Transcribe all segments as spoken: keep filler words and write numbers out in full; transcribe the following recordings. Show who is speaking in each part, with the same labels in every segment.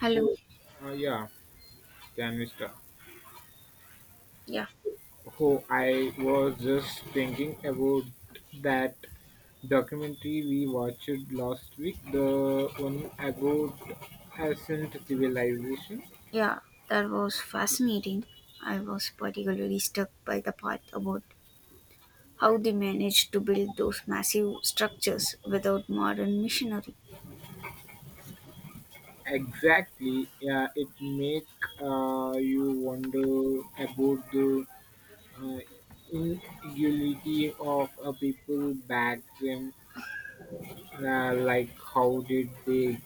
Speaker 1: Hello.
Speaker 2: Oh, uh, yeah, can we
Speaker 1: Yeah.
Speaker 2: Oh, I was just thinking about that documentary we watched last week, the one about ancient civilization.
Speaker 1: Yeah. That was fascinating. I was particularly struck by the part about how they managed to build those massive structures without modern machinery.
Speaker 2: Exactly. Yeah, it make uh, you wonder about the uh, inequality of a people back then. Uh, like, how did they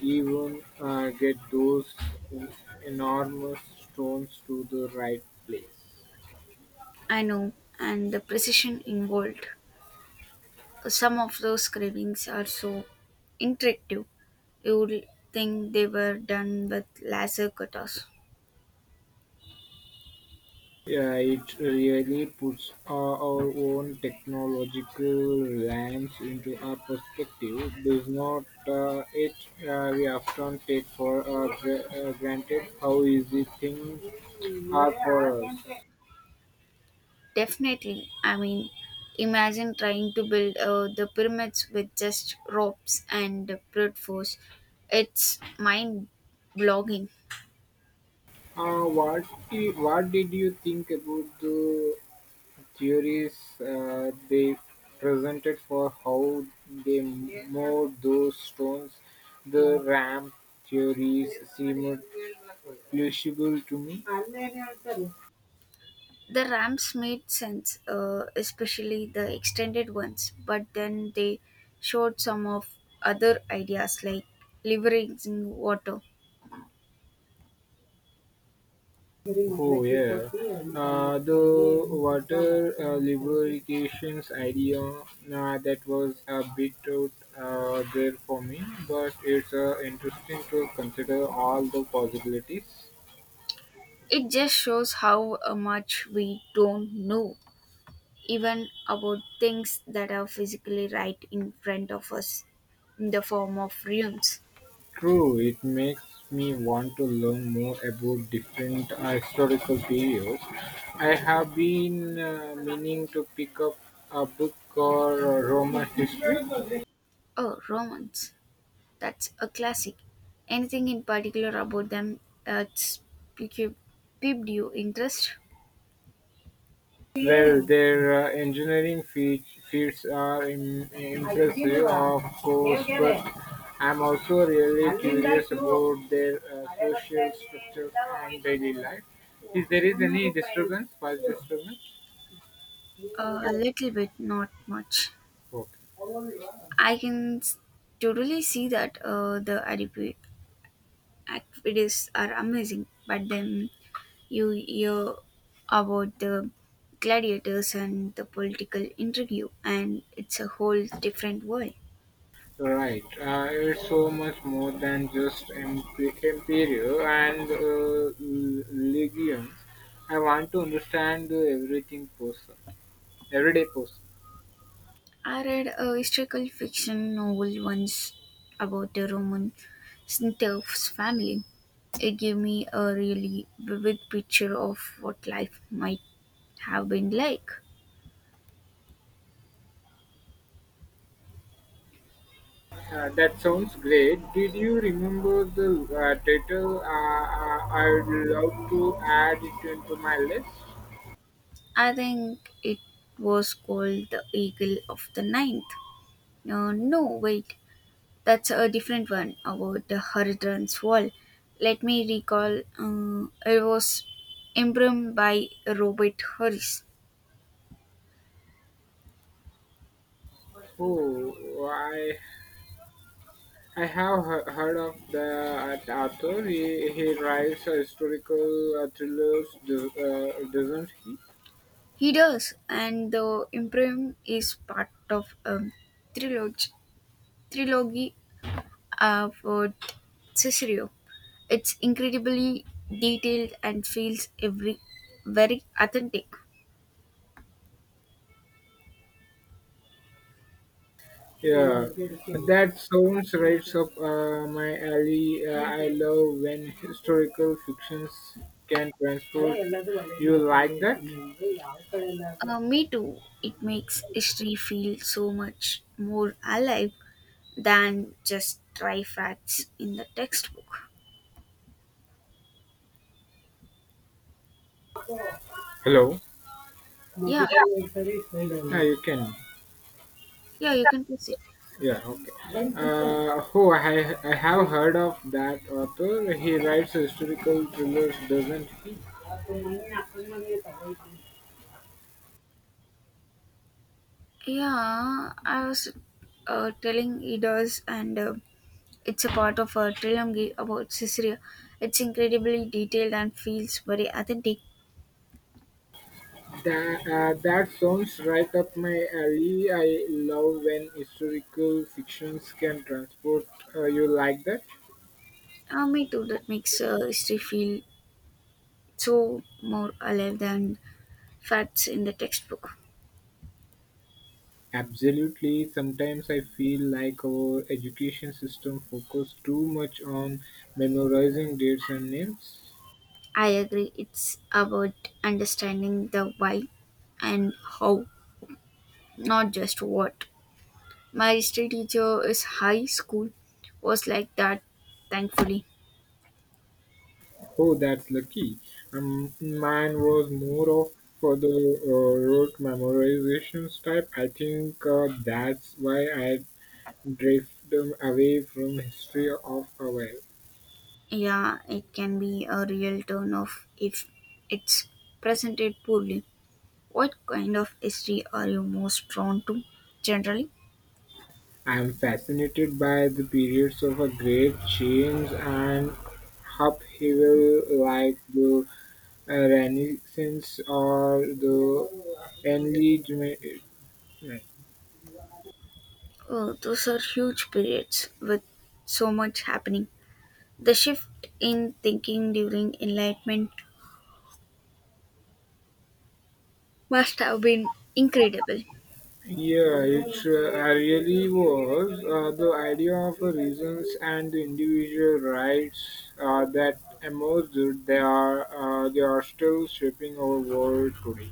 Speaker 2: Even uh, get those en- enormous stones to the right place.
Speaker 1: I know, and the precision involved. Some of those carvings are so intricate, you would think they were done with laser cutters.
Speaker 2: Yeah, it really puts our our own technological reliance into our perspective, does not uh, it? Uh, we often take for uh, gra- uh, granted how easy things are for us.
Speaker 1: Definitely. I mean, imagine trying to build uh, the pyramids with just ropes and brute force. It's mind blogging.
Speaker 2: Uh, what, i- what did you think about the theories uh, they presented for how they moved those stones? The ramp theories seemed plausible to me.
Speaker 1: The ramps made sense, uh, especially the extended ones, but then they showed some of other ideas like leveraging water.
Speaker 2: Oh yeah, uh, the water uh, lubrications idea uh, that was a bit out uh, there for me, but it's uh, interesting to consider all the possibilities.
Speaker 1: It just shows how uh, much we don't know, even about things that are physically right in front of us in the form of ruins.
Speaker 2: True, it makes me want to learn more about different uh, historical periods. I have been uh, meaning to pick up a book called uh, Roman history.
Speaker 1: Oh, Romans. That's a classic. Anything in particular about them that's piqued piqued your interest?
Speaker 2: Well, their uh, engineering feats, feats are im- impressive, of course, but I'm also really curious about their uh, social structure and daily life. Is there is any disturbance, past disturbance,
Speaker 1: Uh, a little bit, not much.
Speaker 2: okay.
Speaker 1: I can s- totally see that uh, the Adipi activities are amazing, but then you hear about the gladiators and the political intrigue, and it's a whole different world.
Speaker 2: Right. Uh, it's so much more than just imp- Imperial and uh, l- legions. I want to understand the everything person, everyday person.
Speaker 1: I read a historical fiction novel once about the Roman Snithers family. It gave me a really vivid picture of what life might have been like.
Speaker 2: Uh, that sounds great. Did you remember the uh, title? Uh, uh, I'd love to add it into my list.
Speaker 1: I think it was called The Eagle of the Ninth. No, no, wait, that's a different one about the Hadrian's Wall. Let me recall, uh, it was embroidered by Robert Harris.
Speaker 2: Oh, I I have he- heard of the uh, author. He, he writes uh, historical uh, thrillers, do- uh, doesn't he?
Speaker 1: He does, and the Imperium is part of a trilogy, trilogy of uh, Cicero. It's incredibly detailed and feels every very authentic.
Speaker 2: Yeah, that sounds right up uh, my alley. Uh, I love when historical fictions can transport you like that.
Speaker 1: Uh, me too. It makes history feel so much more alive than just dry facts in the textbook.
Speaker 2: Hello.
Speaker 1: Yeah,
Speaker 2: Yeah, you can.
Speaker 1: yeah, you can press it.
Speaker 2: Yeah, okay. Uh, oh, I, I have heard of that author. He writes historical thrillers, doesn't he?
Speaker 1: Yeah, I was uh, telling he does, and uh, it's a part of a trilogy about Caesarea. It's incredibly detailed and feels very authentic.
Speaker 2: That, uh, that sounds right up my alley. I love when historical fictions can transport uh, you like that.
Speaker 1: Uh, me too, that makes uh, history feel so more alive than facts in the textbook.
Speaker 2: Absolutely. Sometimes I feel like our education system focuses too much on memorizing dates and names.
Speaker 1: I agree, it's about understanding the why and how, not just what. My history teacher is high school, was like that, thankfully.
Speaker 2: Oh, that's lucky. Um, mine was more of for the uh, rote memorizations type. I think uh, that's why I drift um, away from history of our
Speaker 1: Yeah, it can be a real turn off if it's presented poorly. What kind of history are you most drawn to generally?
Speaker 2: I am fascinated by the periods of a great change and upheaval like the uh, Renaissance or the Enlightenment.
Speaker 1: Oh, those are huge periods with so much happening. The shift in thinking during Enlightenment must have been incredible.
Speaker 2: Yeah, it uh, really was. Uh, the idea of uh, reasons and the individual rights uh, that emerged, they are, uh, they are still shaping our world today.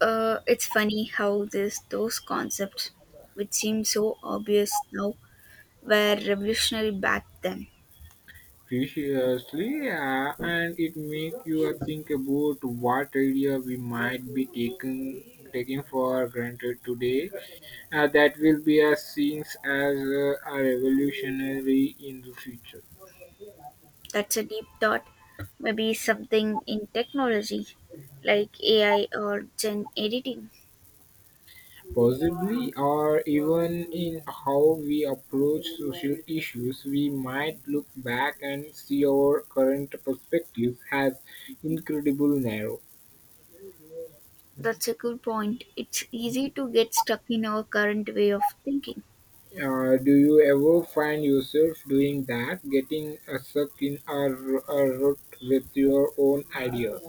Speaker 1: Uh, it's funny how this those concepts, which seem so obvious now, were revolutionary back then.
Speaker 2: Preciously uh, and it make you think about what idea we might be taking taking for granted today uh, that will be as seen as uh, a revolutionary in the future.
Speaker 1: That's a deep thought. Maybe something in technology, like A I or gen editing.
Speaker 2: Possibly, or even in how we approach social issues we might look back and see our current perspectives as incredible narrow.
Speaker 1: That's a good point. It's easy to get stuck in our current way of thinking.
Speaker 2: Uh, do you ever find yourself doing that, getting uh, stuck in a, r- a rut with your own ideas?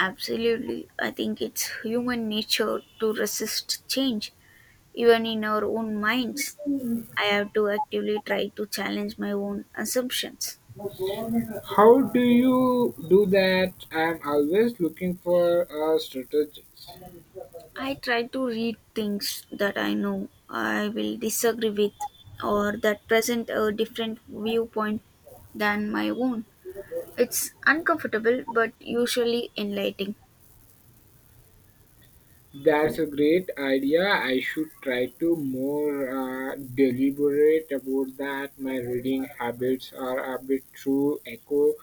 Speaker 1: Absolutely. I think it's human nature to resist change, even in our own minds. I have to actively try to challenge my own assumptions.
Speaker 2: How do you do that? I'm always looking for a strategist.
Speaker 1: I try to read things that I know I will disagree with or that present a different viewpoint than my own. It's uncomfortable but usually enlightening.
Speaker 2: That's a great idea. I should try to more uh, deliberate about that. My reading habits are a bit too echo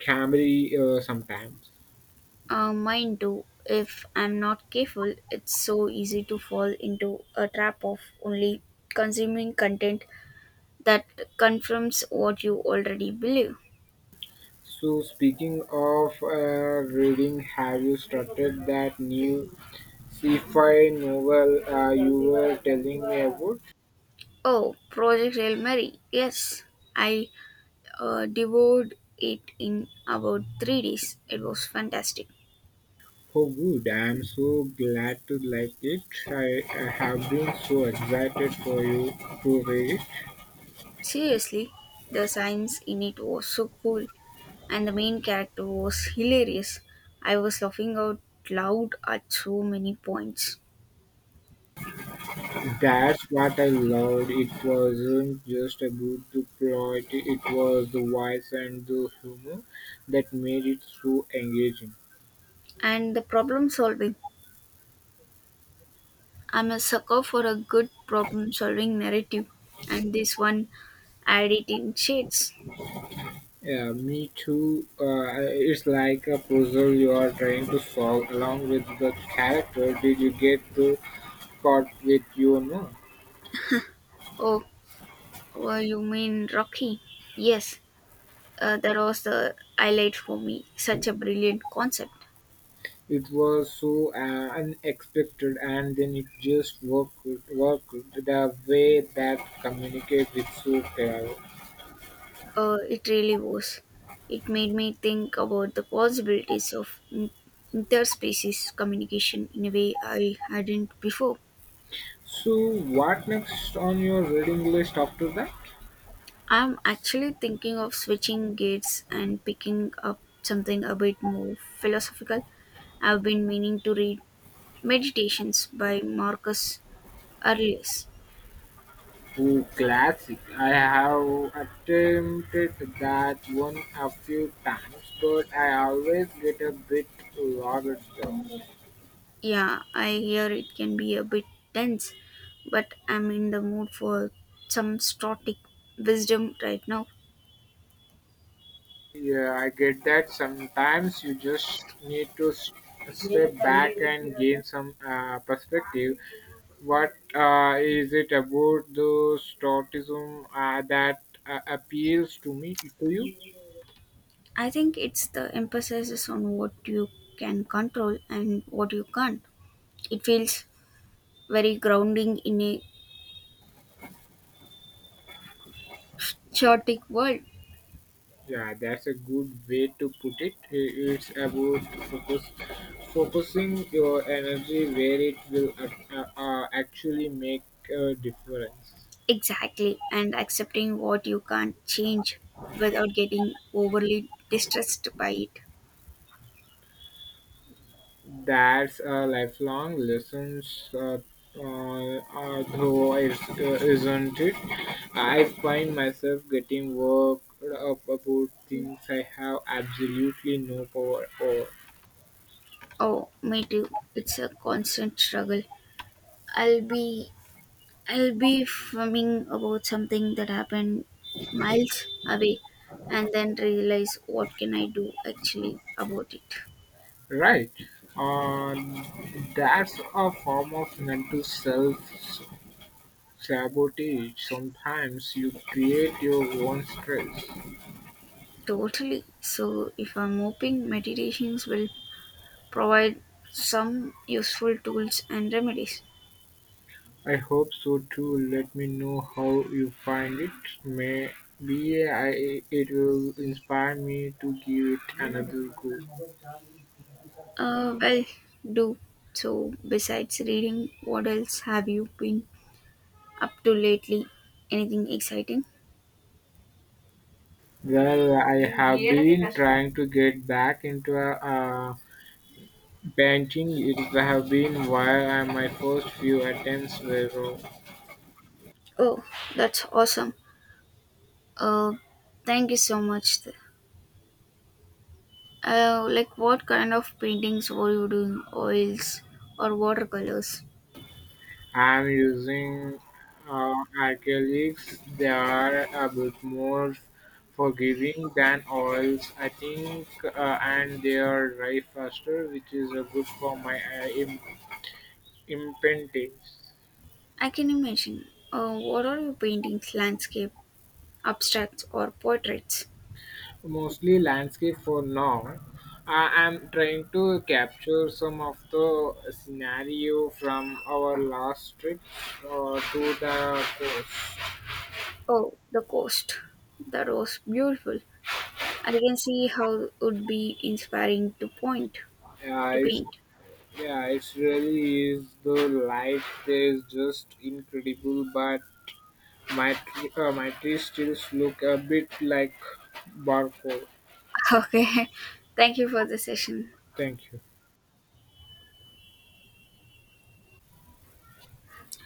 Speaker 2: camry uh, sometimes.
Speaker 1: Uh, mine too. If I'm not careful, it's so easy to fall into a trap of only consuming content that confirms what you already believe.
Speaker 2: So, speaking of uh, reading, have you started that new sci-fi novel uh, you were telling me about?
Speaker 1: Oh, Project Hail Mary. Yes, I uh, devoured it in about three days. It was fantastic.
Speaker 2: Oh, good! I am so glad to like it. I, I have been so excited for you to read. It.
Speaker 1: Seriously, the science in it was so cool, and the main character was hilarious. I was laughing out loud at so many points.
Speaker 2: That's what I loved. It wasn't just about the plot; it was the voice and the humor that made it so engaging.
Speaker 1: And the problem solving. I'm a sucker for a good problem solving narrative, and this one had it in shades.
Speaker 2: Yeah, me too. Uh, it's like a puzzle you are trying to solve along with the character. Did you get the caught with you or no?
Speaker 1: Oh, oh you mean Rocky? Yes, uh, that was the highlight for me. Such a brilliant concept.
Speaker 2: It was so uh, unexpected, and then it just worked worked the way that communicates with so clever.
Speaker 1: Uh, it really was. It made me think about the possibilities of in- interspecies communication in a way I hadn't before.
Speaker 2: So, what next on your reading list after that?
Speaker 1: I'm actually thinking of switching gears and picking up something a bit more philosophical. I've been meaning to read Meditations by Marcus Aurelius.
Speaker 2: Oh, classic. I have attempted that one a few times, but I always get a bit logged down.
Speaker 1: Yeah, I hear it can be a bit dense, but I'm in the mood for some stoic wisdom right now.
Speaker 2: Yeah, I get that sometimes you just need to s- step back and gain some uh, perspective. What uh, is it about the stoicism uh, that uh, appeals to me to you?
Speaker 1: I think it's the emphasis on what you can control and what you can't. It feels very grounding in a chaotic world.
Speaker 2: Yeah, that's a good way to put it. I- It's about focus, focusing your energy where it will ac- uh, uh, actually make a difference.
Speaker 1: Exactly, and accepting what you can't change without getting overly distressed by it.
Speaker 2: That's a lifelong lessons, uh, uh, uh, though it's, uh, isn't it? I find myself getting worked up about things I have absolutely no power over.
Speaker 1: Oh, me too. It's a constant struggle. I'll be I'll be fuming about something that happened miles away and then realize what can I do actually about it.
Speaker 2: Right. Uh, that's a form of mental self Sabotage. Sometimes you create your own stress.
Speaker 1: Totally. So if I'm hoping meditations will provide some useful tools and remedies.
Speaker 2: I hope so too. Let me know how you find it. Maybe I, it will inspire me to give it another go.
Speaker 1: Uh, well, do. So, besides reading, what else have you been up to lately? Anything exciting?
Speaker 2: Well, I have been trying to get back into a, uh, painting. It have been while and my first few attempts were wrong.
Speaker 1: Oh, that's awesome. Uh, thank you so much. Uh, like, what kind of paintings were you doing? Oils or watercolors?
Speaker 2: I'm using uh, acrylics. They are a bit more forgiving than oils, I think, uh, and they are dry faster, which is uh, good for my uh, im- imprinting.
Speaker 1: I can imagine. Uh, what are your paintings? Landscape, abstracts, or portraits?
Speaker 2: Mostly landscape for now. I am trying to capture some of the scenario from our last trip uh, to the coast.
Speaker 1: Oh, the coast. That was beautiful. I can see how it would be inspiring to point
Speaker 2: Uh,
Speaker 1: to
Speaker 2: it's
Speaker 1: paint.
Speaker 2: Yeah, it really is. The light there is just incredible, but my tree, uh, my trees still look a bit like barcode.
Speaker 1: Okay. Thank you for the session.
Speaker 2: Thank you.